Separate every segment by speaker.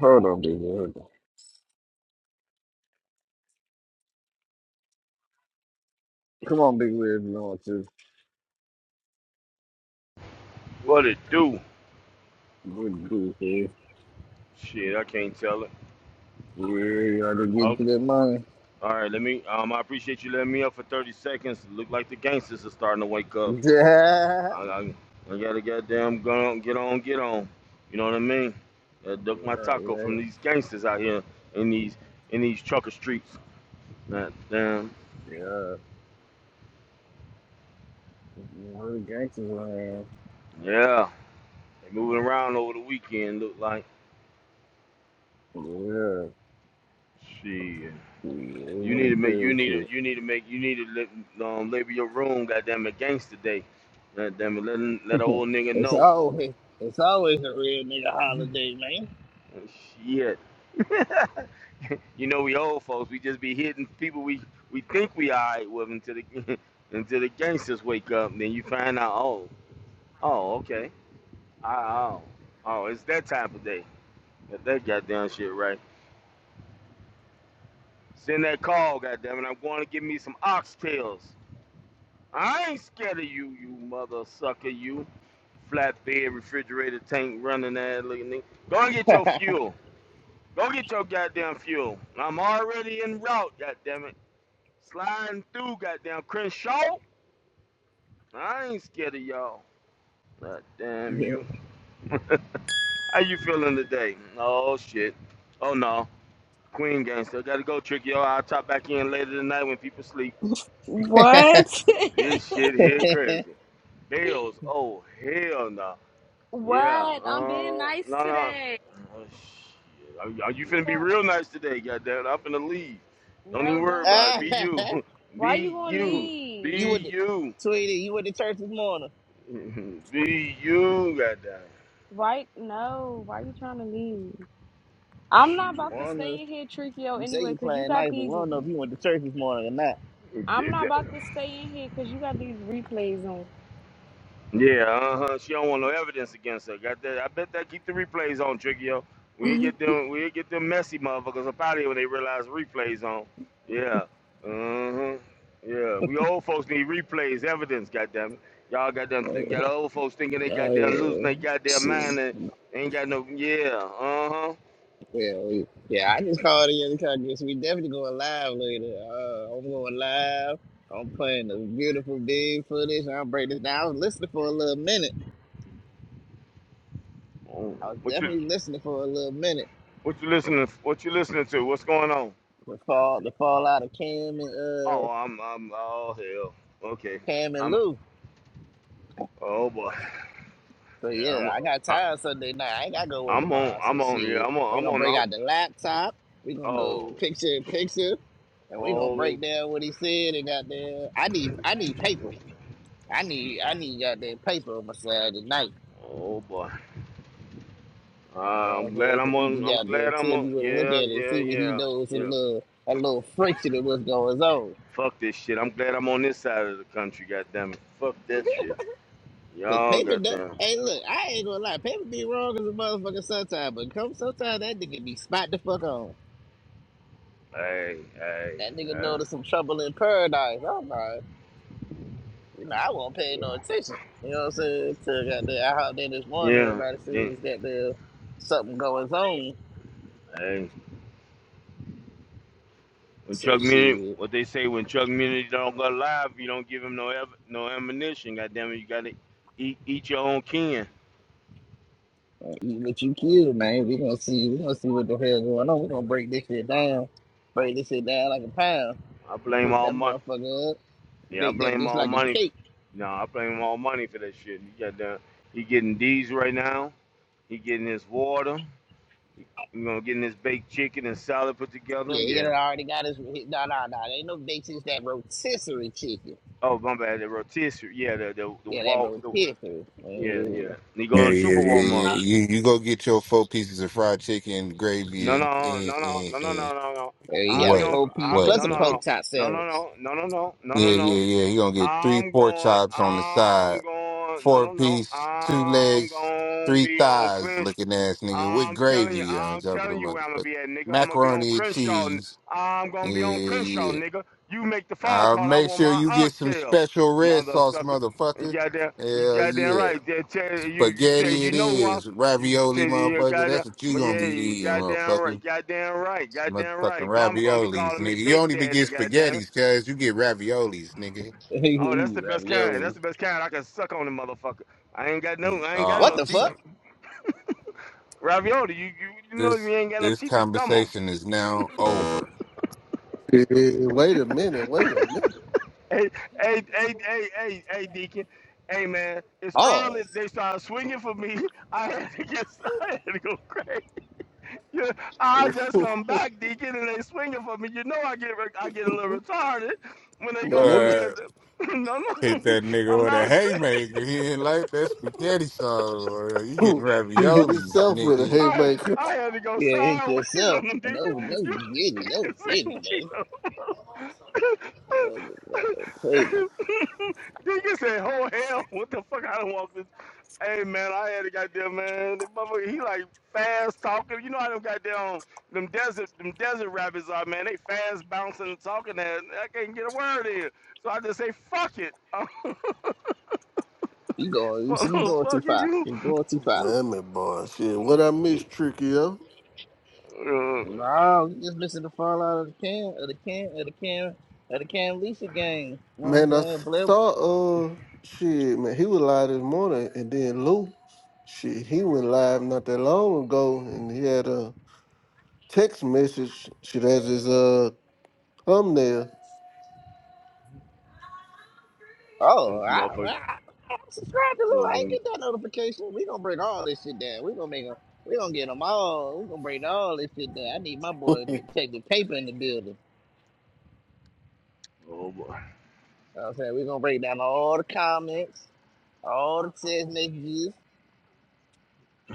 Speaker 1: Hold on, big red. Come on, big red. You know what to
Speaker 2: What it do?
Speaker 1: what to do here.
Speaker 2: Shit, I can't tell it.
Speaker 1: Yeah, gotta get
Speaker 2: Oh,
Speaker 1: to that money.
Speaker 2: all right. Let me. Um, I appreciate you letting me up for thirty seconds. Look like the gangsters are starting to wake up. I, I, I gotta goddamn go on, get on, get on. You know what I mean? Uh, duck my
Speaker 1: Yeah, yeah,
Speaker 2: taco from these gangsters out here in these in these trucker streets. That damn.
Speaker 1: yeah, yeah. You know the gangsters around.
Speaker 2: Yeah, they moving around over the weekend. Look like
Speaker 1: Yeah,
Speaker 2: shit.
Speaker 1: yeah. You
Speaker 2: You need
Speaker 1: know
Speaker 2: to make. You
Speaker 1: the
Speaker 2: need to.
Speaker 1: pills
Speaker 2: You need to make. You need to let, um, label your room. Goddamn it, gangster day. Goddamn it, let let an
Speaker 1: here.
Speaker 2: old nigga
Speaker 1: It's
Speaker 2: know.
Speaker 1: always, it's always a real nigga holiday,
Speaker 2: Shit. You know we old folks. We just be hitting people we we think we alright with until the until the gangsters wake up. And then you find out oh oh okay oh oh oh it's that time of day. Get that goddamn shit right. Send that call, goddamn it. I'm going to give me some oxtails. I ain't scared of you, you mother sucker. You flatbed refrigerator tank running that looking nigga. Go and get your
Speaker 1: man.
Speaker 2: fuel. Go get your goddamn fuel. I'm already en route. Goddamn it. Sliding through goddamn Crenshaw. I ain't scared of y'all. God damn you. How you feeling today? Oh shit. Oh no. Queen gang still gotta go trick yo, I'll top back in later tonight when people sleep.
Speaker 3: What?
Speaker 2: This shit here crazy. Bills. Oh hell no. Yeah.
Speaker 3: what? I'm being
Speaker 2: Um.
Speaker 3: nice
Speaker 2: No no.
Speaker 3: today.
Speaker 2: Oh, shit. are you finna be real nice today? Goddamn. I'm finna leave. Don't
Speaker 3: No,
Speaker 2: even worry
Speaker 3: don't
Speaker 2: about it. Be
Speaker 3: leave.
Speaker 2: you.
Speaker 3: Why you
Speaker 2: Be
Speaker 3: gonna
Speaker 2: you.
Speaker 3: leave?
Speaker 1: you
Speaker 2: Be
Speaker 1: went to,
Speaker 2: you.
Speaker 1: Tweety, you went to church this morning.
Speaker 2: Mhm. Be you got that.
Speaker 3: Why? No. Why you trying to leave? I'm not
Speaker 2: Shit.
Speaker 3: about to
Speaker 1: Wonder.
Speaker 3: stay in here, Trickio,
Speaker 1: You say
Speaker 3: anyway,
Speaker 1: you
Speaker 3: because you
Speaker 1: playing
Speaker 3: got
Speaker 1: nice, but we
Speaker 3: these.
Speaker 1: don't know if you went to church this morning or
Speaker 3: I'm not about to stay in here because you got these replays
Speaker 2: Yeah, uh huh. She don't want no evidence against her. Got that? I bet that keep the replays on, Tricky. Yo, We
Speaker 3: on.
Speaker 2: get them. We get them messy motherfuckers up out here when they realize replays on. Yeah. Uh huh. Yeah. We old folks need replays, evidence. Goddamn. Y'all goddamn
Speaker 1: not.
Speaker 2: th- got old folks thinking they
Speaker 1: Oh
Speaker 2: goddamn losing
Speaker 1: yeah,
Speaker 2: their goddamn
Speaker 1: see, well,
Speaker 2: mind and ain't got no. Yeah. Uh huh.
Speaker 1: yeah, yeah. I just called in the country. So we definitely going live later. Uh, I'm going live. I'm playing the beautiful big footage. I'll break this down. I was listening for a little minute. I was
Speaker 2: What you
Speaker 1: definitely listening for a little minute.
Speaker 2: What you listening? What you listening to? What's going on?
Speaker 1: The fall, the fallout of Cam and uh
Speaker 2: Oh, I'm, I'm, oh hell. Okay,
Speaker 1: Cam and
Speaker 2: I'm.
Speaker 1: Lou.
Speaker 2: Oh boy.
Speaker 1: So
Speaker 2: Yeah,
Speaker 1: yeah,
Speaker 2: I'm.
Speaker 1: I got
Speaker 2: I,
Speaker 1: time Sunday night. I ain't gotta go work
Speaker 2: I'm on.
Speaker 1: tomorrow. So
Speaker 2: I'm on. Yeah,
Speaker 1: shit,
Speaker 2: I'm on.
Speaker 1: we
Speaker 2: I'm
Speaker 1: gonna
Speaker 2: on.
Speaker 1: bring
Speaker 2: I'm,
Speaker 1: out the laptop. We gonna
Speaker 2: oh,
Speaker 1: go picture in picture, and we gonna
Speaker 2: oh,
Speaker 1: break down what he said and goddamn. I need I need paper. I need I need goddamn paper on my side tonight.
Speaker 2: oh boy. Uh,
Speaker 1: You know what
Speaker 2: I'm
Speaker 1: I'm saying?
Speaker 2: glad I'm
Speaker 1: So he can
Speaker 2: on. I'm
Speaker 1: goddamn
Speaker 2: glad I'm
Speaker 1: tell
Speaker 2: on.
Speaker 1: me what to look at
Speaker 2: Yeah,
Speaker 1: it and
Speaker 2: yeah,
Speaker 1: see what he
Speaker 2: yeah,
Speaker 1: knows and a
Speaker 2: yeah.
Speaker 1: little a little friction of what's going on.
Speaker 2: Fuck this shit. I'm glad I'm on this side of the country. Goddamn it. Fuck that shit.
Speaker 1: Cause
Speaker 2: Y'all,
Speaker 1: paper, do-
Speaker 2: goddamn.
Speaker 1: hey, look, I ain't gonna lie, paper be wrong as a motherfucker sometimes, but come sometimes that nigga be spot the fuck on.
Speaker 2: Hey, hey,
Speaker 1: That nigga
Speaker 2: uh,
Speaker 1: know there's some trouble in paradise. I'm like, you know, I won't pay
Speaker 2: yeah.
Speaker 1: no attention. You know what I'm saying? Till got there, I hopped in this morning.
Speaker 2: Yeah.
Speaker 1: Everybody said it
Speaker 2: Then,
Speaker 1: was got there something going on.
Speaker 2: hey. When
Speaker 1: So
Speaker 2: Chuck Muni,
Speaker 1: shit,
Speaker 2: what they say when Chuck Muni don't go live, you don't give him no ev- no ammunition. God damn it, you gotta eat eat your own kin.
Speaker 1: eat what you kill, man. We gonna see. We gonna see what the hell going on. We gonna break this shit down. Break this shit down like a pound.
Speaker 2: I
Speaker 1: Gonna
Speaker 2: blame
Speaker 1: whip
Speaker 2: all
Speaker 1: that
Speaker 2: money.
Speaker 1: motherfucker up.
Speaker 2: Yeah, I
Speaker 1: Bake that
Speaker 2: blame
Speaker 1: bitch
Speaker 2: all
Speaker 1: like a
Speaker 2: money.
Speaker 1: cake.
Speaker 2: No, I blame all money for that shit. He got done. He getting D's right now. He getting his water. You know, getting his baked chicken and salad put together.
Speaker 1: Yeah, he
Speaker 2: Yeah.
Speaker 1: done already got his. he- No, no, no. There ain't no baked. It's that rotisserie chicken.
Speaker 2: Oh, my bad. The rotisserie. Yeah, the the, the
Speaker 1: Yeah, that
Speaker 2: wall. The,
Speaker 1: rotisserie.
Speaker 2: yeah, yeah.
Speaker 1: Yeah.
Speaker 2: And he
Speaker 4: Yeah,
Speaker 2: going to
Speaker 4: yeah,
Speaker 2: Super
Speaker 4: yeah,
Speaker 2: Walmart.
Speaker 4: yeah. You you go get your four pieces of fried chicken, gravy,
Speaker 2: No,
Speaker 4: and
Speaker 2: no,
Speaker 4: and,
Speaker 2: no, no,
Speaker 4: and,
Speaker 2: no, no, no,
Speaker 4: and
Speaker 2: no, no.
Speaker 1: Yeah, you
Speaker 2: I'll
Speaker 1: got
Speaker 2: be
Speaker 1: a
Speaker 4: what?
Speaker 2: on.
Speaker 1: four piece
Speaker 2: I'm
Speaker 4: What?
Speaker 1: plus
Speaker 2: no,
Speaker 1: a
Speaker 2: no,
Speaker 1: poke
Speaker 2: no,
Speaker 1: top
Speaker 2: no, no,
Speaker 1: sandwich.
Speaker 2: no, no, no, no, no,
Speaker 4: Yeah,
Speaker 2: no,
Speaker 4: yeah,
Speaker 2: no.
Speaker 4: yeah. You gonna get three
Speaker 2: I'm
Speaker 4: pork
Speaker 2: going.
Speaker 4: chops on the side,
Speaker 2: I'm going. No,
Speaker 4: four
Speaker 2: no, no.
Speaker 4: piece, two
Speaker 2: I'm
Speaker 4: legs,
Speaker 2: gonna
Speaker 4: three
Speaker 2: be on
Speaker 4: thighs,
Speaker 2: clinch
Speaker 4: looking ass nigga with
Speaker 2: I'm telling you,
Speaker 4: gravy on
Speaker 2: I'm
Speaker 4: top of the
Speaker 2: telling you where I'm gonna
Speaker 4: motherfucker,
Speaker 2: be at, nigga. I'm gonna be on
Speaker 4: macaroni and
Speaker 2: Crenshaw. n-
Speaker 4: cheese.
Speaker 2: I'm
Speaker 4: Yeah,
Speaker 2: gonna be on Crenshaw,
Speaker 4: yeah.
Speaker 2: nigga. You make the phone
Speaker 4: I'll
Speaker 2: call. I
Speaker 4: make
Speaker 2: want
Speaker 4: sure
Speaker 2: my
Speaker 4: you get some
Speaker 2: oxtail,
Speaker 4: special red
Speaker 2: mother
Speaker 4: sauce,
Speaker 2: sucker. You
Speaker 4: motherfucker.
Speaker 2: goddamn, you
Speaker 4: Hell
Speaker 2: goddamn
Speaker 4: yeah.
Speaker 2: right. They tell you, you tell
Speaker 4: Spaghetti
Speaker 2: you
Speaker 4: it
Speaker 2: know who I'm.
Speaker 4: is.
Speaker 2: You
Speaker 4: Ravioli,
Speaker 2: tell you, you
Speaker 4: motherfucker.
Speaker 2: goddamn,
Speaker 4: That's what you gonna
Speaker 2: yeah,
Speaker 4: be
Speaker 2: you
Speaker 4: eating,
Speaker 2: goddamn
Speaker 4: motherfucker.
Speaker 2: right, goddamn right,
Speaker 4: Some
Speaker 2: goddamn
Speaker 4: Motherfucking
Speaker 2: right. Mama gonna be
Speaker 4: raviolis,
Speaker 2: calling me
Speaker 4: nigga. You
Speaker 2: Big
Speaker 4: don't even
Speaker 2: Daddy,
Speaker 4: get
Speaker 2: goddamn it.
Speaker 4: spaghettis, cuz you get raviolis, nigga.
Speaker 2: Oh, that's the best kind. That's
Speaker 1: Ravioli.
Speaker 2: the best kind. I can suck on the motherfucker. I ain't got no, I ain't got
Speaker 1: What
Speaker 2: no
Speaker 4: Oh,
Speaker 1: the
Speaker 2: teeth.
Speaker 1: fuck?
Speaker 4: shit.
Speaker 2: Ravioli, you, you, you know you
Speaker 4: This
Speaker 2: ain't got no
Speaker 4: this
Speaker 2: teeth. You gum 'em.
Speaker 4: conversation is now over.
Speaker 5: Eh, Wait a minute, wait a minute.
Speaker 2: Hey, hey, hey, hey, hey, hey, Deacon. Hey, man, it's early.
Speaker 1: Ours.
Speaker 2: They started swinging for me. I had to get, I had to go crazy. Yeah, I just come back, Deacon, and they swinging for me. You know, I get, re- I get a little retarded when they
Speaker 5: No,
Speaker 2: go for
Speaker 5: no,
Speaker 2: me. At
Speaker 4: Uh,
Speaker 2: the, no,
Speaker 4: hit
Speaker 2: no,
Speaker 4: that
Speaker 2: I'm
Speaker 4: nigga with a
Speaker 2: not.
Speaker 4: haymaker. He didn't like that spaghetti song. or You getting
Speaker 5: no. He hit
Speaker 4: raviolis,
Speaker 5: himself with a
Speaker 4: nigga.
Speaker 2: I
Speaker 5: haymaker.
Speaker 2: I had to go
Speaker 1: Yeah, it's
Speaker 2: sideways
Speaker 1: yourself.
Speaker 2: on them.
Speaker 1: And
Speaker 2: Did
Speaker 1: No,
Speaker 2: you?
Speaker 1: no,
Speaker 2: You
Speaker 1: get it,
Speaker 2: think
Speaker 1: no,
Speaker 2: you say
Speaker 1: get it,
Speaker 2: wait
Speaker 1: baby.
Speaker 2: on them?
Speaker 1: Oh, man, that's crazy.
Speaker 2: Deacon said, "Oh hell, what the fuck? I don't want this." Hey man, I had a goddamn man. The motherfucker, he like fast talking. You know how them goddamn them desert them desert rabbits are, man. They fast bouncing and talking. That I can't get a word in. So I just say, "Fuck it,
Speaker 1: You going, you see, you going too
Speaker 2: motherfucker,
Speaker 1: far.
Speaker 2: you."
Speaker 1: You going too far.
Speaker 5: Damn it, boy. Shit, what I miss, Tricky, yo?
Speaker 2: Uh,
Speaker 1: No, you just missing the fall out of the can, of the can, of the can, of the can Lisa game. You know what I'm
Speaker 5: Man, I
Speaker 1: saying? Blair,
Speaker 5: saw, uh, shit, man, he was live this morning, and then Lou, shit, he went live not that long ago, and he had a text message, shit, as his, uh, thumbnail.
Speaker 2: this
Speaker 1: Oh, I, I,
Speaker 2: motherfucker,
Speaker 1: I subscribe to Lou. I ain't
Speaker 2: motherfucker.
Speaker 1: get that notification. We gonna bring all this shit down. We gonna make them. We gonna get them all. We gonna bring all this shit down. I need my boy to take the paper in the building.
Speaker 2: Oh boy.
Speaker 1: You know what I'm saying we gonna break down all the comments, all the text messages.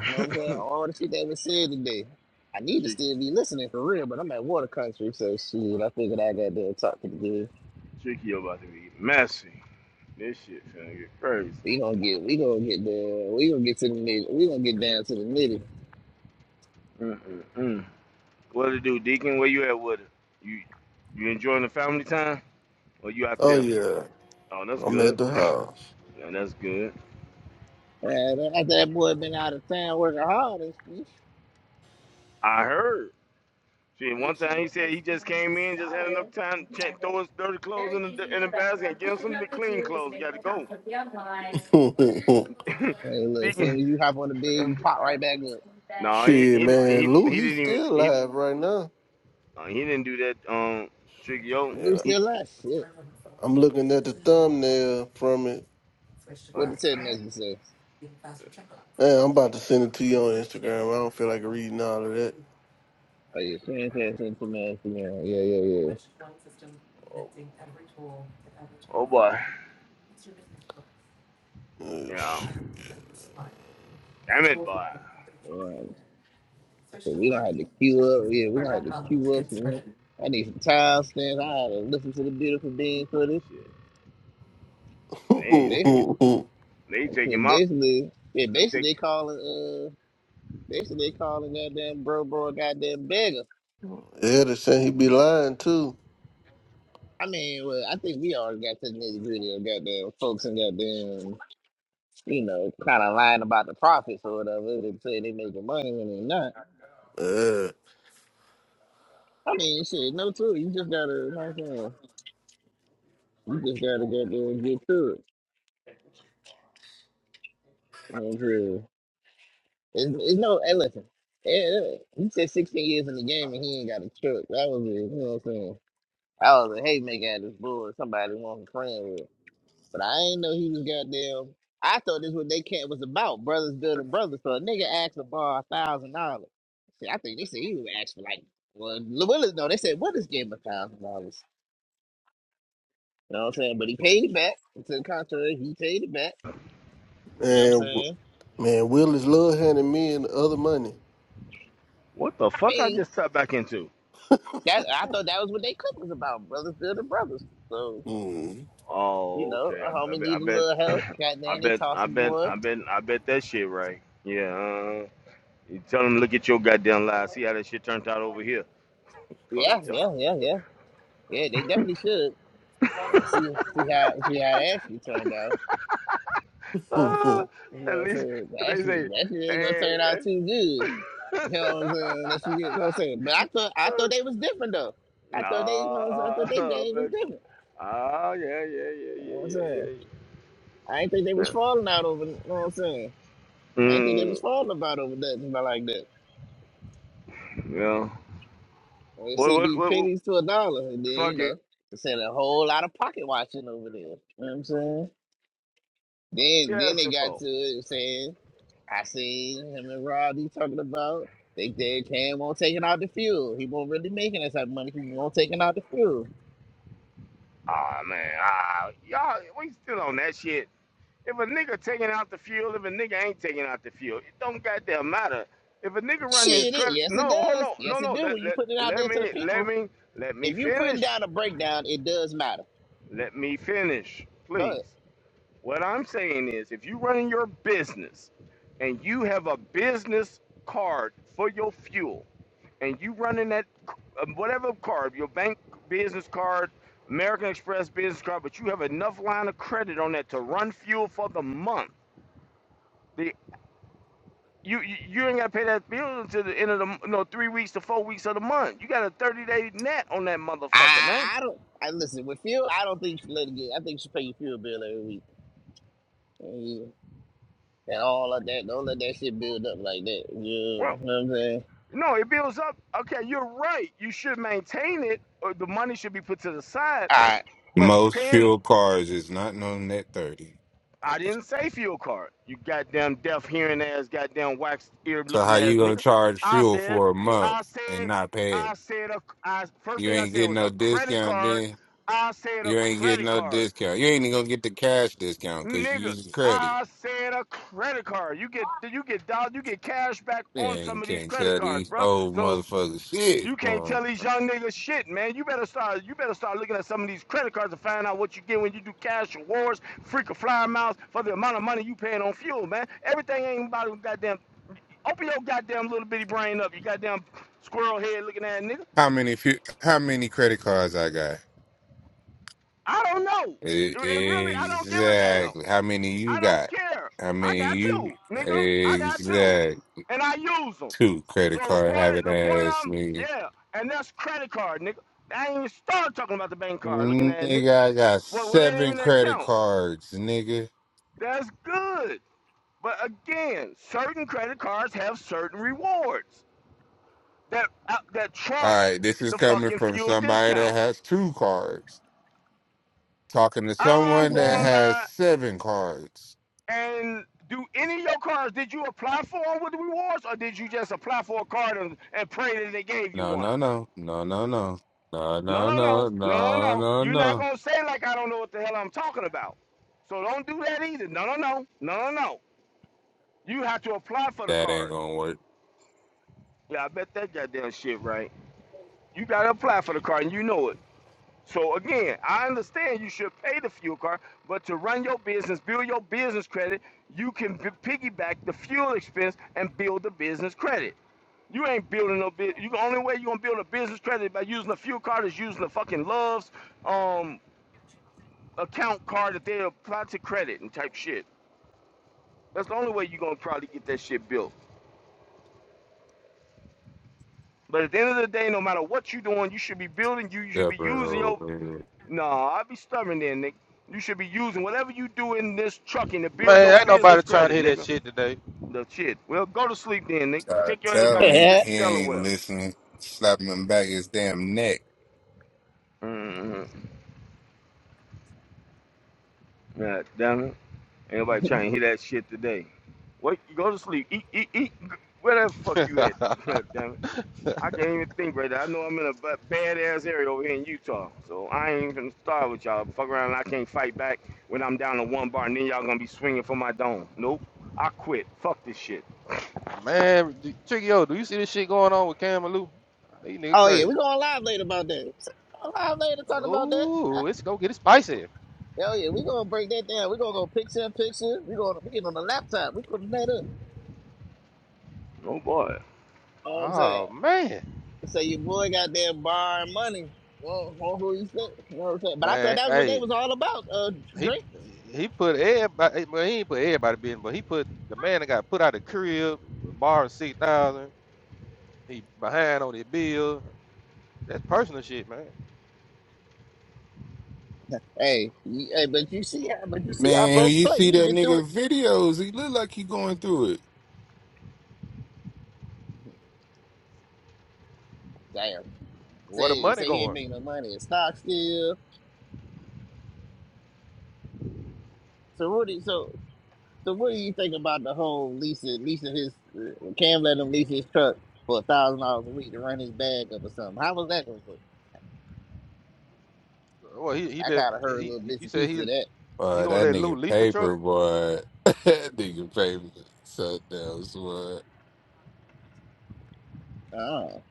Speaker 1: You know what I'm saying? All the shit that was said today. I need to
Speaker 2: Chick,
Speaker 1: still be listening for real, but I'm at water country, so shit. I figured I got to talk to the dude.
Speaker 2: Chicky about to be messy. This shit finna get crazy.
Speaker 1: We gonna get. We gonna get there. We gonna get to the nitty. We gonna get down to the nitty.
Speaker 2: Mm-mm-mm. What to do, Deacon? Where you at with it? You you enjoying the family time? Or you out
Speaker 5: oh,
Speaker 2: there?
Speaker 5: yeah,
Speaker 2: Oh, that's
Speaker 5: I'm at
Speaker 2: good.
Speaker 5: the house.
Speaker 2: Yeah, that's good.
Speaker 1: Yeah, that, that that boy been out of town working hard and shit.
Speaker 2: I heard. Shit, one time he said he just came in, just had enough time to ch- throw his dirty clothes in the in the basket and give him some of the clean clothes. He got to go.
Speaker 1: Hey, look, soon
Speaker 2: Deacon.
Speaker 1: as you hop on the bed, you pop right back up.
Speaker 2: No, he
Speaker 5: shit,
Speaker 2: he, he
Speaker 5: man, Lou,
Speaker 2: he
Speaker 5: he's
Speaker 2: didn't even
Speaker 5: still
Speaker 2: he
Speaker 5: live right now.
Speaker 2: uh, he didn't do that. Um, Tricky. Yo,
Speaker 5: And
Speaker 1: Lose
Speaker 2: he.
Speaker 1: still last shit.
Speaker 5: I'm looking at the thumbnail from it.
Speaker 2: Oh, yeah.
Speaker 1: What the text message say?
Speaker 5: Man, I'm about to send it to you on Instagram. I don't feel like reading all of that.
Speaker 1: Oh yeah, send send send to me. Yeah, yeah, yeah, yeah.
Speaker 2: Oh, Oh boy.
Speaker 5: Uh,
Speaker 2: Yeah.
Speaker 5: shit.
Speaker 2: Damn it, boy.
Speaker 1: Alright. So we gonna have to queue up. Yeah, we gonna have to queue up. Man. I need some time stamps. I had to listen to the beautiful being footage.
Speaker 2: Shit.
Speaker 1: So
Speaker 2: They
Speaker 1: basically,
Speaker 2: they take
Speaker 1: cause
Speaker 2: him out.
Speaker 1: basically, yeah,
Speaker 2: they
Speaker 1: basically
Speaker 2: take
Speaker 1: they calling uh, basically they calling goddamn bro, bro, goddamn beggar.
Speaker 5: yeah, they saying he be lying too.
Speaker 1: I mean, well, I think we all got to the nitty gritty of goddamn folks and goddamn, you know, kind of lying about the profits or whatever. They say they making money when they're not.
Speaker 5: Uh,
Speaker 1: I mean, shit, no, too. You just gotta, you know what I'm saying? You just gotta get there and get to it. You know It's, it's no, hey, listen. Yeah, he said 16 years in the game and he ain't got a truck. That was it. You know what I'm saying? I was a haymaker at this bull. Somebody wanted a friend with. But I ain't know he was goddamn. I thought this was what they camp was about, brothers building brothers. So a nigga asked to borrow a thousand dollars. See, I think they said he was asked for like, well, Willis, no, they said Willis gave him a thousand dollars. You know what I'm saying? But he paid it back. To the contrary, he paid it back. You know what
Speaker 5: man,
Speaker 1: I'm
Speaker 5: w-
Speaker 1: saying?
Speaker 5: man, Will is love handing me and the other money.
Speaker 2: what the
Speaker 1: I
Speaker 2: fuck I
Speaker 1: mean,
Speaker 2: just tapped back into?
Speaker 1: that I thought that was what they cook was about, brothers building brothers. So
Speaker 5: Mm.
Speaker 1: you
Speaker 2: Oh,
Speaker 1: know,
Speaker 2: okay.
Speaker 1: a
Speaker 2: I,
Speaker 1: homie
Speaker 2: I
Speaker 1: need a
Speaker 2: bet
Speaker 1: little
Speaker 2: I bet
Speaker 1: help.
Speaker 2: I
Speaker 1: Goddamn, they
Speaker 2: bet I
Speaker 1: tossing
Speaker 2: bet
Speaker 1: boy.
Speaker 2: I bet I bet that shit right. Yeah. Uh, you tell him. look at your goddamn lies. See how that shit turned out over here. Fuck
Speaker 1: Yeah,
Speaker 2: you
Speaker 1: yeah,
Speaker 2: talk.
Speaker 1: yeah, yeah, yeah. They definitely should. And see, see how see how that actually turned out.
Speaker 2: Uh,
Speaker 1: You know
Speaker 2: at
Speaker 1: what I'm
Speaker 2: least
Speaker 1: saying? That
Speaker 2: they say,
Speaker 1: shit, that shit ain't gonna
Speaker 2: hey.
Speaker 1: turn out too good.
Speaker 2: hey.
Speaker 1: You know what I'm saying? Unless you get, you know what I'm saying? But I thought, I thought they was different though. I thought they, you know, what I'm saying? I
Speaker 2: nah,
Speaker 1: thought they game was
Speaker 2: but
Speaker 1: different.
Speaker 2: ah, yeah, yeah, yeah,
Speaker 1: You know what I'm
Speaker 2: yeah, yeah,
Speaker 1: saying? I ain't think they
Speaker 2: yeah.
Speaker 1: was falling out over, you know what I'm saying? I ain't think they
Speaker 2: Mm,
Speaker 1: was falling about over nothing about like that.
Speaker 2: yeah.
Speaker 1: Well, it
Speaker 2: What,
Speaker 1: should
Speaker 2: what,
Speaker 1: be
Speaker 2: what, what
Speaker 1: pennies to a dollar, and then you
Speaker 2: fuck it.
Speaker 1: know, they said a whole lot of pocket watching over there. You know what I'm saying?
Speaker 2: you
Speaker 1: Then, then they
Speaker 2: asking
Speaker 1: got
Speaker 2: for?
Speaker 1: to it saying I seen him and Roddy talking about they did Cam not taking out the fuel. He won't really making that type of money. He won't taking out the fuel.
Speaker 2: Ah, man, ah, y'all, we still on that shit. If a nigga taking out the fuel, if a nigga ain't taking out the fuel, it don't goddamn matter. If a nigga running his
Speaker 1: Shit, it,
Speaker 2: credit,
Speaker 1: yes it
Speaker 2: no, hold
Speaker 1: does.
Speaker 2: on, no,
Speaker 1: Yes it
Speaker 2: no,
Speaker 1: do.
Speaker 2: let,
Speaker 1: When you
Speaker 2: let,
Speaker 1: put it out
Speaker 2: let
Speaker 1: there to the
Speaker 2: me, let
Speaker 1: people,
Speaker 2: me, let me
Speaker 1: if you putting
Speaker 2: finish.
Speaker 1: down a breakdown, it does matter.
Speaker 2: Let me finish,
Speaker 1: Go ahead.
Speaker 2: please. What I'm saying is, if you running your business and you have a business card for your fuel, and you running that uh, whatever card, your bank business card, American Express business card, but you have enough line of credit on that to run fuel for the month. The you you, you ain't got to pay that bill until the end of the m- no three weeks to four weeks of the month. You got a thirty day net on that motherfucker, man.
Speaker 1: I I don't. I listen with fuel. I don't think you should let it get. I think you should pay your fuel bill every week. Yeah. And all of that. Don't let that shit build up like that. Yeah,
Speaker 2: Well,
Speaker 1: you know what I'm saying.
Speaker 2: no, it builds up. Okay, you're right. You should maintain it, or the money should be put to the side. But
Speaker 4: Most
Speaker 2: paying
Speaker 4: fuel cars is not known net 30.
Speaker 2: I didn't say fuel card. You goddamn deaf hearing ass, goddamn wax ear
Speaker 4: So
Speaker 2: looking
Speaker 4: how
Speaker 2: ass
Speaker 4: you gonna
Speaker 2: nigga.
Speaker 4: charge
Speaker 2: I
Speaker 4: fuel
Speaker 2: said,
Speaker 4: for a month
Speaker 2: I
Speaker 4: and
Speaker 2: said,
Speaker 4: not pay it?
Speaker 2: I said, a, I, first
Speaker 4: You
Speaker 2: thing I
Speaker 4: ain't
Speaker 2: said
Speaker 4: getting
Speaker 2: was
Speaker 4: no
Speaker 2: a credit
Speaker 4: discount
Speaker 2: card.
Speaker 4: then.
Speaker 2: I said a
Speaker 4: You ain't getting
Speaker 2: credit
Speaker 4: no
Speaker 2: card,
Speaker 4: discount. You ain't even gonna get the cash discount because you
Speaker 2: nigga.
Speaker 4: using credit.
Speaker 2: I said a credit card. You get you get dollars, you get cash back on
Speaker 4: Man, you
Speaker 2: some of these
Speaker 4: can't
Speaker 2: credit
Speaker 4: tell
Speaker 2: cards,
Speaker 4: these
Speaker 2: bro.
Speaker 4: old
Speaker 2: So
Speaker 4: motherfuckers shit.
Speaker 2: you can't
Speaker 4: Well,
Speaker 2: tell these young niggas shit, man. You better start. You better start looking at some of these credit cards to find out what you get when you do cash rewards, freak of flyer miles for the amount of money you paying on fuel, man. Everything ain't about goddamn. Open your goddamn little bitty brain up, you goddamn squirrel head looking at nigga.
Speaker 4: How many fu- how many credit cards I got?
Speaker 2: I don't know,
Speaker 4: E-
Speaker 2: and really, I don't give a damn.
Speaker 4: Exactly. How many you
Speaker 2: I don't
Speaker 4: got?
Speaker 2: care.
Speaker 4: How
Speaker 2: I
Speaker 4: many
Speaker 2: got
Speaker 4: you
Speaker 2: two, nigga. I got two,
Speaker 4: exact
Speaker 2: and I use them.
Speaker 4: two
Speaker 2: So
Speaker 4: credit
Speaker 2: the
Speaker 4: card
Speaker 2: point,
Speaker 4: having
Speaker 2: the point,
Speaker 4: ass
Speaker 2: I'm
Speaker 4: nigga.
Speaker 2: yeah, and that's credit card, nigga. I ain't even start talking about the bank card. Looking at it, nigga,
Speaker 4: Nigga, I got
Speaker 2: well, what ain't
Speaker 4: seven
Speaker 2: even that
Speaker 4: credit
Speaker 2: count?
Speaker 4: cards, nigga.
Speaker 2: That's good, but again, certain credit cards have certain rewards that uh, that
Speaker 4: All
Speaker 2: trumps
Speaker 4: right, this is
Speaker 2: the
Speaker 4: coming
Speaker 2: fucking
Speaker 4: from
Speaker 2: fuel
Speaker 4: somebody that
Speaker 2: discount.
Speaker 4: has two cards. talking to
Speaker 2: I'm
Speaker 4: someone that
Speaker 2: going
Speaker 1: All
Speaker 4: has
Speaker 2: by
Speaker 4: seven cards.
Speaker 2: And do any of your cards, did you apply for them with the rewards or did you just apply for a card and, and pray that they gave you
Speaker 4: No,
Speaker 2: one?
Speaker 4: no, no, no, no, no, no,
Speaker 2: No,
Speaker 4: no,
Speaker 2: no, no.
Speaker 4: no,
Speaker 2: No, no,
Speaker 4: no,
Speaker 2: no.
Speaker 4: no,
Speaker 2: You're not
Speaker 4: no.
Speaker 2: going to say like I don't know what the hell I'm talking about. So don't do that either. No, no, no. No, no, no. You have to apply for the
Speaker 4: That ain't
Speaker 2: card.
Speaker 4: gonna work.
Speaker 2: Yeah, I bet that goddamn shit, right? You got to apply for the card and you know it. So again, I understand you should pay the fuel card, but to run your business, build your business credit, you can b- piggyback the fuel expense and build the business credit. You ain't building no business. You the only way you gonna build a business credit by using a fuel card is using a fucking Love's um account card that they apply to credit and type shit. That's the only way you gonna probably get that shit built. But at the end of the day, no matter what you are doing, you should be building. You, you should be
Speaker 4: Stubborn
Speaker 2: using your
Speaker 4: over here.
Speaker 2: Nah, I be stubborn then, nigga. You should be using whatever you do in this trucking to build your
Speaker 6: Man, ain't
Speaker 2: business
Speaker 6: nobody trying to
Speaker 2: credit,
Speaker 6: hear that
Speaker 2: nigga.
Speaker 6: shit today.
Speaker 2: The shit. Well, go to sleep then, nigga.
Speaker 4: I
Speaker 2: Take your ass back
Speaker 4: tell
Speaker 2: to
Speaker 4: him
Speaker 2: D-
Speaker 1: right.
Speaker 4: he ain't
Speaker 2: Delaware.
Speaker 4: listening. Slap him back his damn neck.
Speaker 2: Mm-hmm. God damn it. Everybody
Speaker 1: Mm-hmm.
Speaker 2: trying to hear that shit today. Wait, go to sleep. Eat, eat, eat. Where the fuck you at? God damn it. I can't even think right now. I know I'm in a ba- bad ass area over here in Utah. So I ain't even start with y'all. Fuck around and I can't fight back when I'm down to one bar and then y'all gonna be swinging for my dome. Nope. I quit. Fuck this shit.
Speaker 6: Man, do- Tricky yo, do you see this shit going on with Cam and Lou? These nigga
Speaker 1: oh yeah,
Speaker 6: crazy.
Speaker 1: we going live later about that. We going live later to talk about that.
Speaker 6: Ooh, it's gonna get it spicy.
Speaker 1: Hell yeah, we gonna break that down. We gonna go picture in picture. We gonna we get on the laptop. We putting that up.
Speaker 2: Oh boy.
Speaker 1: You know what I'm
Speaker 6: Oh
Speaker 1: saying?
Speaker 6: man,
Speaker 1: So your boy got that borrowing money. Well, well, who you said. You know what I'm saying? But I thought
Speaker 6: man,
Speaker 1: that was what they
Speaker 6: hey,
Speaker 1: was all about. Uh,
Speaker 6: he
Speaker 1: drink.
Speaker 6: he put everybody, hey, well, he ain't put everybody business, but he put the man that got put out the crib, borrowed six thousand. He behind on his bill. That's personal shit, man.
Speaker 1: Hey, you- hey, but you see how, but you see how
Speaker 4: Man,
Speaker 1: folks
Speaker 4: you
Speaker 1: play.
Speaker 4: see
Speaker 1: He
Speaker 4: that
Speaker 1: been through it.
Speaker 4: nigga videos? He look like he going through it.
Speaker 1: Damn.
Speaker 6: Where the
Speaker 1: Say
Speaker 6: money
Speaker 1: say he ain't
Speaker 6: going?
Speaker 1: making no money in stock still. So what do you, so so what do you think about the whole leasing leasing his uh, Cam let him lease his truck for a thousand dollars a week to run his bag up or something? How was that? going?
Speaker 6: Well, he he
Speaker 1: I
Speaker 6: let
Speaker 1: kind of heard a
Speaker 6: he.
Speaker 1: little
Speaker 6: he-
Speaker 1: bits
Speaker 6: You
Speaker 1: and
Speaker 6: said
Speaker 1: pieces
Speaker 6: he
Speaker 1: of that.
Speaker 6: he
Speaker 4: Uh,
Speaker 6: gonna
Speaker 4: that
Speaker 6: let Lou
Speaker 4: nigga
Speaker 6: lease the truck?
Speaker 4: paper boy. that nigga paper. So that was what.
Speaker 1: Oh,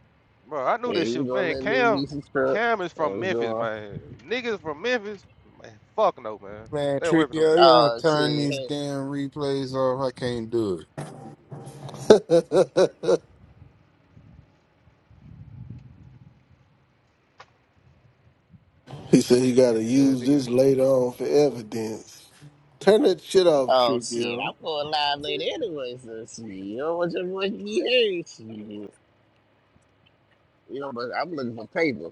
Speaker 6: Bro, I knew
Speaker 1: yeah,
Speaker 6: this
Speaker 1: he was
Speaker 6: shit,
Speaker 1: going
Speaker 6: man.
Speaker 1: to let little
Speaker 6: Cam,
Speaker 1: Reese's truck.
Speaker 6: Cam is
Speaker 1: It
Speaker 6: from
Speaker 1: was
Speaker 6: Memphis,
Speaker 1: going.
Speaker 6: man. Niggas from Memphis, man. Fuck no, man.
Speaker 4: Man,
Speaker 6: Stay away from
Speaker 4: tricky,
Speaker 6: them niggas.
Speaker 4: yo, you don't
Speaker 1: Oh
Speaker 4: turn
Speaker 1: shit!
Speaker 4: these
Speaker 1: Hey,
Speaker 4: damn replays off. I can't do it.
Speaker 5: he said he got to
Speaker 6: Yeah,
Speaker 5: use this
Speaker 6: niggas.
Speaker 5: later on for evidence. Turn that shit off,
Speaker 1: oh shit!
Speaker 5: Trippio.
Speaker 1: I'm going live later anyway, so shit. You don't want your voice to be heard, shit. You know, but I'm looking for paper.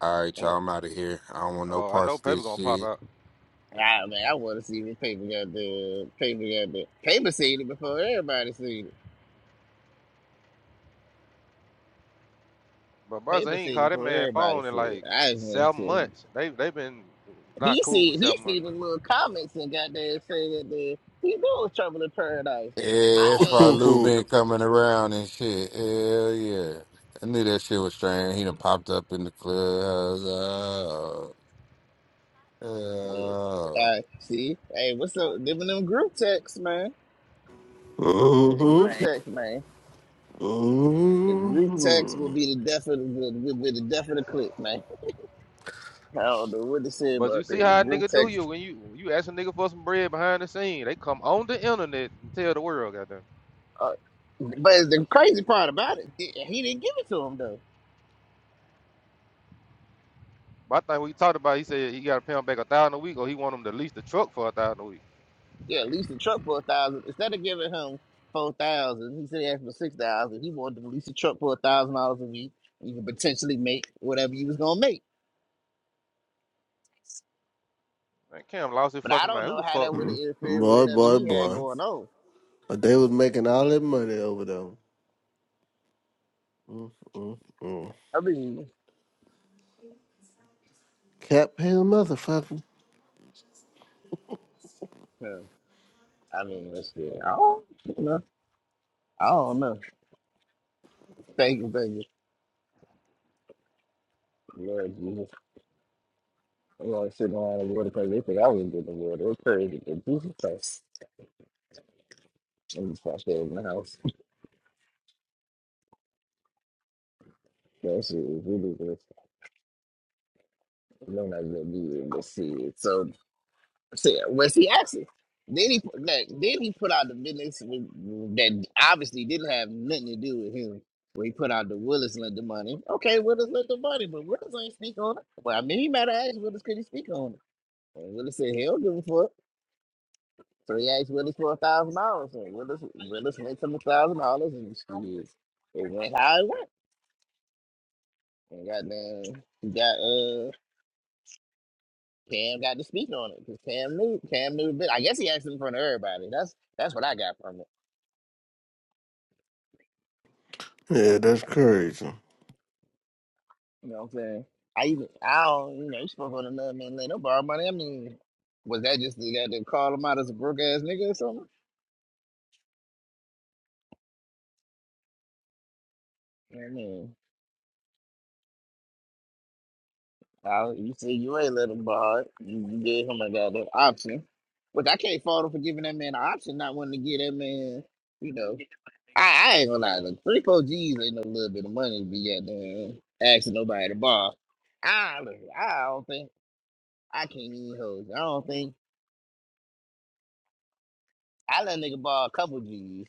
Speaker 4: All right,
Speaker 1: Oh,
Speaker 4: y'all, I'm out of here. I don't want no
Speaker 6: Oh, I
Speaker 4: parts
Speaker 6: know
Speaker 4: of
Speaker 6: paper
Speaker 4: this
Speaker 6: gonna pop
Speaker 4: shit.
Speaker 6: out,
Speaker 1: ah, man, I want to see the paper got there. paper got there. paper seen it before everybody seen it.
Speaker 6: but brother
Speaker 1: Paper
Speaker 6: ain't
Speaker 1: seen it
Speaker 6: called that
Speaker 1: before
Speaker 6: man
Speaker 1: everybody
Speaker 6: phone in
Speaker 1: seen it.
Speaker 6: like
Speaker 1: I just want
Speaker 6: seven
Speaker 1: to check.
Speaker 6: months. They they been not
Speaker 1: He
Speaker 6: cool for
Speaker 1: seen he
Speaker 6: seven months.
Speaker 1: seen the little comments and got there saying that he knew it was trouble in paradise.
Speaker 4: Yeah,
Speaker 1: I
Speaker 4: that's why
Speaker 1: ain't.
Speaker 4: Lou been coming around and shit. Hell yeah. I knew that shit was strange. He done popped up in the clubhouse. Oh,
Speaker 1: Yeah.
Speaker 4: oh.
Speaker 1: Uh, see, hey, what's up? Giving them group text, man. The
Speaker 5: Mhm.
Speaker 1: group text, man. The group text will
Speaker 5: mm
Speaker 1: be the death of the will be the death of the click, man. I don't know what to say
Speaker 6: But you
Speaker 1: about
Speaker 6: see
Speaker 1: that. The
Speaker 6: how a
Speaker 1: group
Speaker 6: nigga do
Speaker 1: text,
Speaker 6: you when you when you ask a nigga for some bread behind the scene. They come on the internet and tell the world, goddamn.
Speaker 1: uh, but the crazy part about it, he he didn't give it to him though.
Speaker 6: But I think we talked about, he said he got to pay him back a thousand a week, or he want him to lease the truck for a thousand a week.
Speaker 1: Yeah, at least the truck for a thousand. Instead of giving him four thousand, he said he asked for six thousand. He wanted to lease the truck for a thousand dollars a week. You could potentially make whatever you was gonna make,
Speaker 6: Man, Cam lost his
Speaker 1: but I
Speaker 6: fucking
Speaker 1: don't
Speaker 6: mind. Who
Speaker 1: know
Speaker 6: the
Speaker 1: how that
Speaker 6: fuck?
Speaker 1: would have interfered with
Speaker 5: Boy,
Speaker 1: whatever
Speaker 5: boy,
Speaker 1: he had
Speaker 5: boy.
Speaker 1: going on.
Speaker 5: they was making all that money over there. mm mm mm.
Speaker 1: I mean.
Speaker 5: Cap hell motherfucker.
Speaker 1: Yeah. I mean, let's see. I don't know. I don't know. Thank you, thank you. Lord Jesus. I'm like sitting around and going to crazy. They think I was getting the word. It was crazy. But Jesus Christ. I'm just out there in the house. That shit is ridiculous. No, not gonna be able to see it. So, see, well, see, actually, then he, put- like, then he put out the business that obviously didn't have nothing to do with him. Where he put out the Willis lent the money. Okay, Willis lent the money, but Willis ain't speak on it. Well, I mean, he might have asked Willis, could he speak on it? And Willis said he don't give a fuck. So he asked Willis for a thousand dollars. So Willis Willis went to the thousand dollars and she it went how it went. And goddamn he got uh Cam got to speak on it because Cam knew Cam knew a bit. I guess he asked in front of everybody. That's that's what I got from it.
Speaker 5: Yeah, that's crazy.
Speaker 1: You know what I'm saying? I even I don't you know you spoke on another man let no borrow money. I mean was that just the, that to call him out as a broke ass nigga or something? I mean. Now, you see, you ain't let him borrow it. You, you gave him a goddamn option. Which I can't fault him for giving that man an option, not wanting to get that man, you know. I, I ain't gonna lie, look, three, four G's ain't no little bit of money to be out there asking nobody to borrow. I, look, I don't think, I can't even hold you. I don't think, I let nigga borrow a couple G's.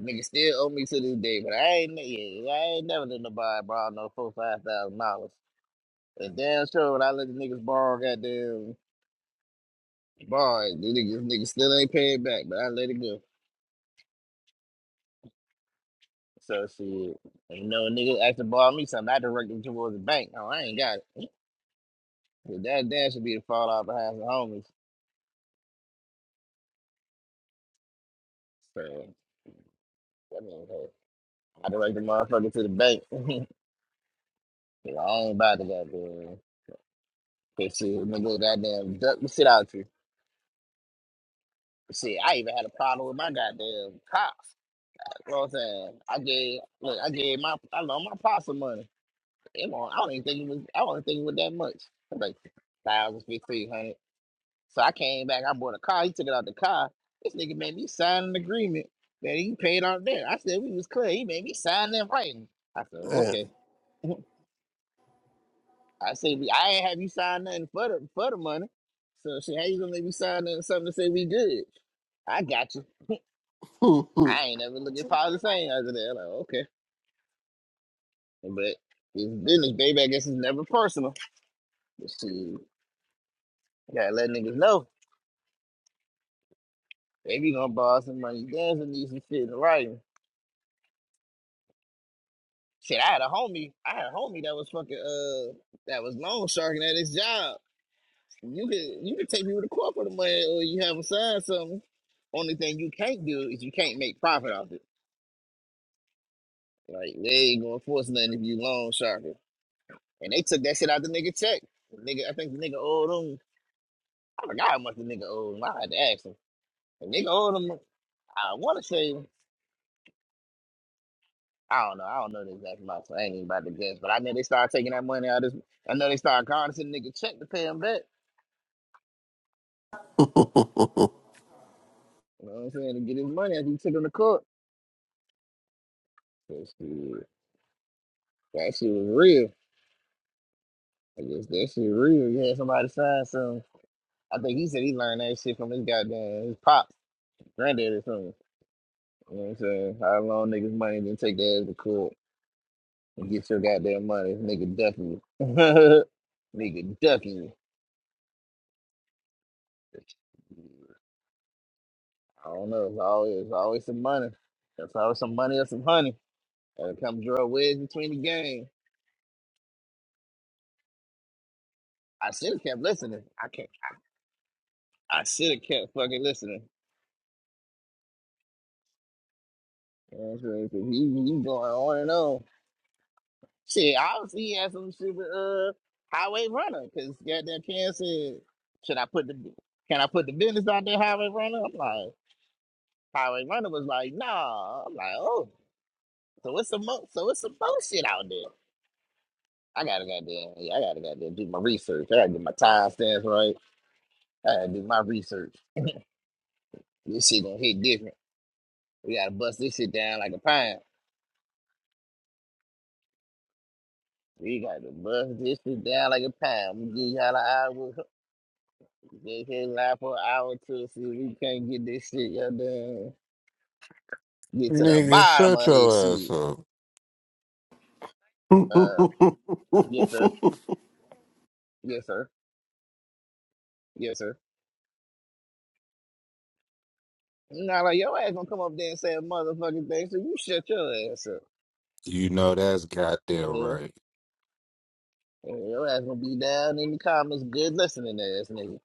Speaker 1: Nigga still owe me to this day, but I ain't, yeah, I ain't never let nobody borrow no four, five thousand dollars. And damn sure when I let the niggas borrow goddamn Boy, this nigga, this nigga still ain't paid back, but I let it go. So shit, ain't no nigga asked to borrow me something. I direct him towards the bank. No, I ain't got it. Cause that dad should be the fall out behind the homies. So that means hey, I direct the motherfucker to the bank. 'Cause I ain't about to goddamn. Cause shit, nigga, goddamn duck the shit out you. Shit, I even had a problem with my goddamn cops. You know what I'm saying? I gave look, I gave my I loaned my pops some money. Come on, I don't even think it was. I don't think it was that much. It was Like thousand, fifteen hundred. So I came back. I bought a car. He took it out the car. This nigga made me sign an agreement that he paid out there. I said we was clear. He made me sign that writing. I said
Speaker 5: Damn.
Speaker 1: okay. I said we. I ain't have you sign nothing for the for the money. So she, how you gonna make me sign nothing, something to say we good? I got you.
Speaker 5: Put
Speaker 1: I ain't never looking positive thing other than like okay, but it's business, baby. I guess it's never personal. But she gotta let niggas know. They be gonna borrow some money. Danza needs some shit in writing. Shit, I had a homie. I had a homie that was fucking uh that was loan sharking at his job. You could you could take people to court for the money, or you have them sign something. Only thing you can't do is you can't make profit off it. Like they ain't gonna force nothing if you loan sharking. And they took that shit out the nigga check. The nigga, I think the nigga owed him. I forgot how much the nigga owed him. I had to ask him. The nigga owed him. I want to say. I don't know. I don't know the exact amount, so I ain't even about to guess. But I know they started taking that money out. Of this, I know they started calling this nigga check to pay him back. You know what I'm saying? To get his money after he took him to court. That shit, that shit was real. I guess that shit real. You had somebody sign something. I think he said he learned that shit from his goddamn his pops, granddad or something. You know what I'm saying? How long niggas money then take their ass to court and get your goddamn money? Nigga ducking you. nigga ducking you. I don't know. It's always, it's always some money. It's always some money or some honey. And it come draw a wedge between the game. I should have kept listening. I can't. I should have kept fucking listening. You know what I'm saying? He, he going on and on. Shit, obviously he had some super uh highway runner because goddamn Ken said, should I put the can I put the business out there highway runner? I'm like highway runner was like nah. I'm like oh so it's some mo- so it's some bullshit out there. I gotta goddamn, yeah, I gotta goddamn do my research. I gotta get my time stamps right. I gotta do my research. This shit gonna hit different. We gotta bust this shit down like a pine. We gotta bust this shit down like a pine. We give y'all an hour. They can not lie for an hour or two. See, we can't get this shit. Goddamn, get to the
Speaker 4: Nigga,
Speaker 1: bottom
Speaker 4: shut
Speaker 1: of this
Speaker 4: your ass
Speaker 1: shit.
Speaker 4: up.
Speaker 1: Uh, yes sir, yes sir, yes sir. Now like your ass gonna come up there and say a motherfucking thing. So you shut your ass up.
Speaker 4: You know that's goddamn
Speaker 1: The
Speaker 4: right.
Speaker 1: And your ass gonna be down in the comments. Good listening, ass nigga.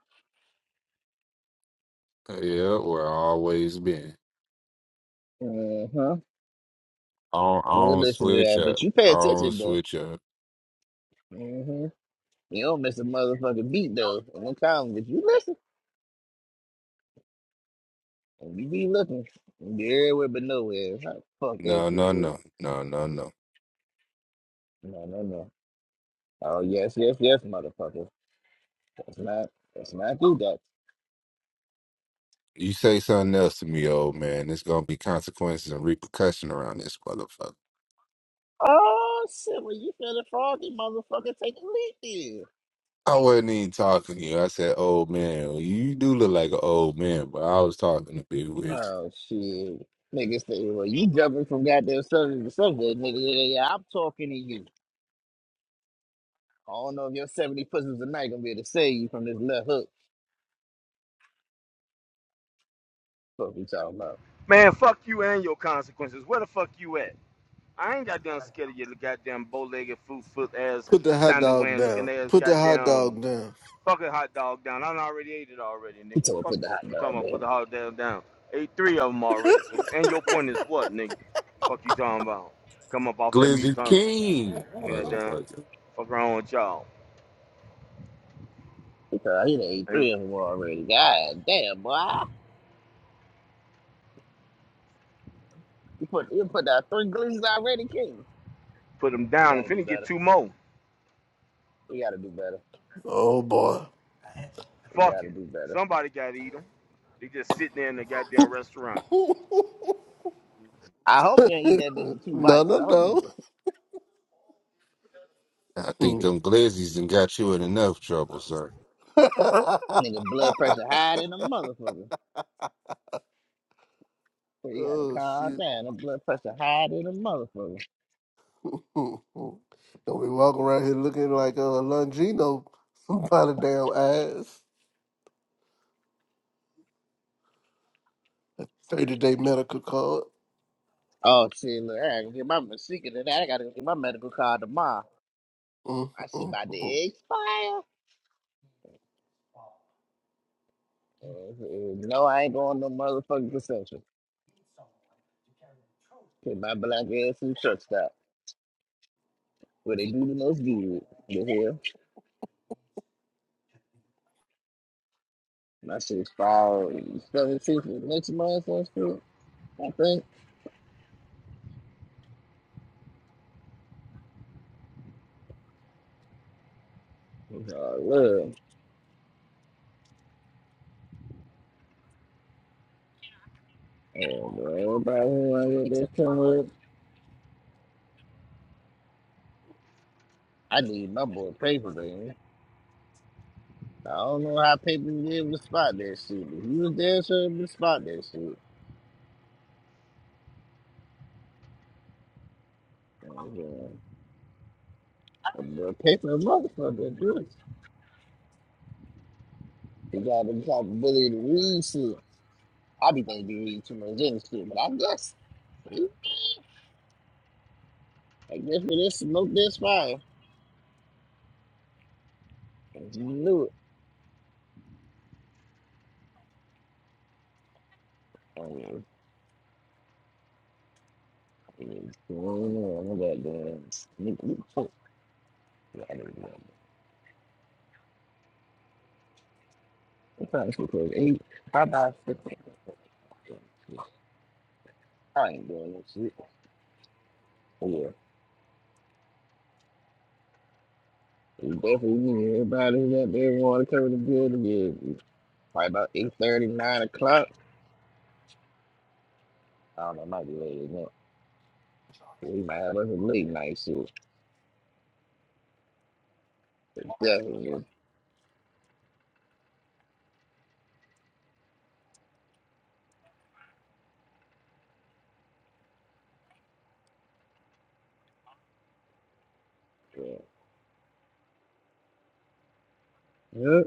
Speaker 4: Yeah, we're always been.
Speaker 1: Uh huh.
Speaker 4: I don't, I
Speaker 1: Good
Speaker 4: don't
Speaker 1: listening to
Speaker 4: switch
Speaker 1: that. But
Speaker 4: up.
Speaker 1: you pay
Speaker 4: I don't
Speaker 1: attention though.
Speaker 4: switch up.
Speaker 1: Mm-hmm. You don't miss a motherfucking beat though. In the comments. But You listen. And you be looking. You be everywhere but nowhere. How the fuck that
Speaker 4: No,
Speaker 1: shit
Speaker 4: no,
Speaker 1: work?
Speaker 4: no. No, no, no.
Speaker 1: No, no, no. Oh yes, yes, yes, motherfucker. That's not that's not do that.
Speaker 4: You say something else to me, old man. There's gonna be consequences and repercussion around this motherfucker.
Speaker 1: Oh shit, well you feeling froggy, motherfucker, take a leak
Speaker 4: I wasn't even talking to you. I said, old man. Well, You do look like an old man, but I was talking to Big Wiz.
Speaker 1: Oh shit. Nigga say, well, you jumping from goddamn subject to subject, nigga. Yeah, yeah, yeah, I'm talking to you. I don't know if your 70 pussies a night gonna be able to save you from this left hook. Fuck we talking about.
Speaker 2: Man, fuck you and your consequences. Where the fuck you at? I ain't got damn scared of your goddamn bow legged, foot foot ass,
Speaker 5: the hot dog
Speaker 2: sandalwood looking
Speaker 5: down.
Speaker 2: ass,
Speaker 5: Put the hot
Speaker 2: goddamn
Speaker 5: dog down.
Speaker 2: fucking hot dog down. I done already ate it already,
Speaker 1: He
Speaker 2: nigga.
Speaker 1: told me
Speaker 2: Fuck
Speaker 1: put the hot
Speaker 2: you talking
Speaker 1: dog
Speaker 2: about put
Speaker 1: there.
Speaker 2: the hot dog down. Ate three of them already. So and your point is what, nigga? Fuck you talking about? Come up off that meat
Speaker 4: Glizzy
Speaker 2: tunnel.
Speaker 4: King,
Speaker 2: Yeah, damn.
Speaker 4: motherfucker.
Speaker 2: Fuck around with y'all.
Speaker 1: Because he done ate
Speaker 2: Ain't
Speaker 1: three of them already. God damn, boy. You put you put out three glees already, King.
Speaker 2: put them
Speaker 1: We
Speaker 2: down. If
Speaker 1: gotta do
Speaker 2: finna get
Speaker 1: better.
Speaker 2: two more,
Speaker 1: We gotta do better.
Speaker 5: Oh boy.
Speaker 1: We
Speaker 2: fuck
Speaker 1: gotta
Speaker 2: it.
Speaker 1: do better.
Speaker 2: Somebody gotta eat them. They just sitting there in the goddamn restaurant.
Speaker 1: I hope you ain't eat that bitch in two
Speaker 5: No,
Speaker 1: bites.
Speaker 5: no,
Speaker 1: I hope you
Speaker 4: I think
Speaker 5: no.
Speaker 4: them glizzies done got you in enough trouble, sir.
Speaker 1: nigga blood pressure higher than a motherfucker. So you gotta
Speaker 5: oh
Speaker 1: calm
Speaker 5: shit.
Speaker 1: down. The blood pressure higher than a motherfucker.
Speaker 5: Mhm. Don't be walking around here looking like a uh, Longino by the damn ass. A 30 day medical card.
Speaker 1: Oh, see, look, I gotta go get my secret of that. I gotta go get my medical card tomorrow. I see about to
Speaker 5: Mm-hmm.
Speaker 1: expire. Uh, no, I ain't going no motherfucking consumption. Put my black ass in the truck stop where they do the most good. The hell, my shit expired seventeenth of next month or shit. I think. Oh, look, oh, boy, everybody who I get that come with, I need my boy paper, man. I don't know how paper was able to spot that shit, but he was there, so able to spot that shit. Mm-hmm. The paper motherfucker, dude. He got the type of bully to read shit. I be thinking he read too much Jenny shit, but I guess, see? I guess for this smoke this fire. And you knew it. I mean, I mean, what's going on, I got doing nigga, we fuck. Yeah, I didn't know. It's probably so close. Eight, I buy six. I ain't doing this shit. Yeah. We definitely need everybody who's out there wanna cover the building. Yeah. Probably about eight thirty, nine o'clock. I don't know, might be later. We might have us a late night shit. Definitely. Yeah. Yep.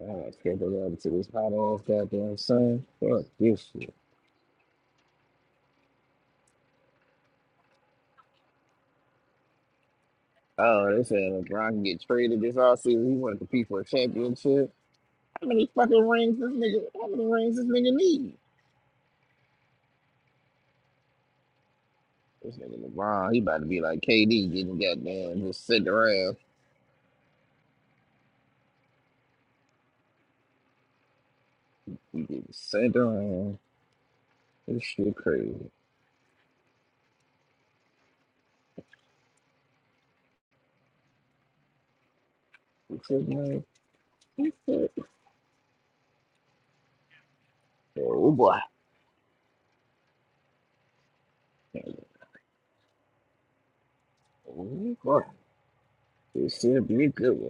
Speaker 1: God, I can't believe it to this hot ass goddamn sun. Fuck this shit. Oh, they said LeBron can get traded this offseason. He want to compete for a championship. How many fucking rings this nigga? How many rings this nigga need? This nigga LeBron, he about to be like KD, getting goddamn just sent around. He getting sent around. This shit crazy. What's his name? What's his- Oh boy. Oh boy. This shit be a good one.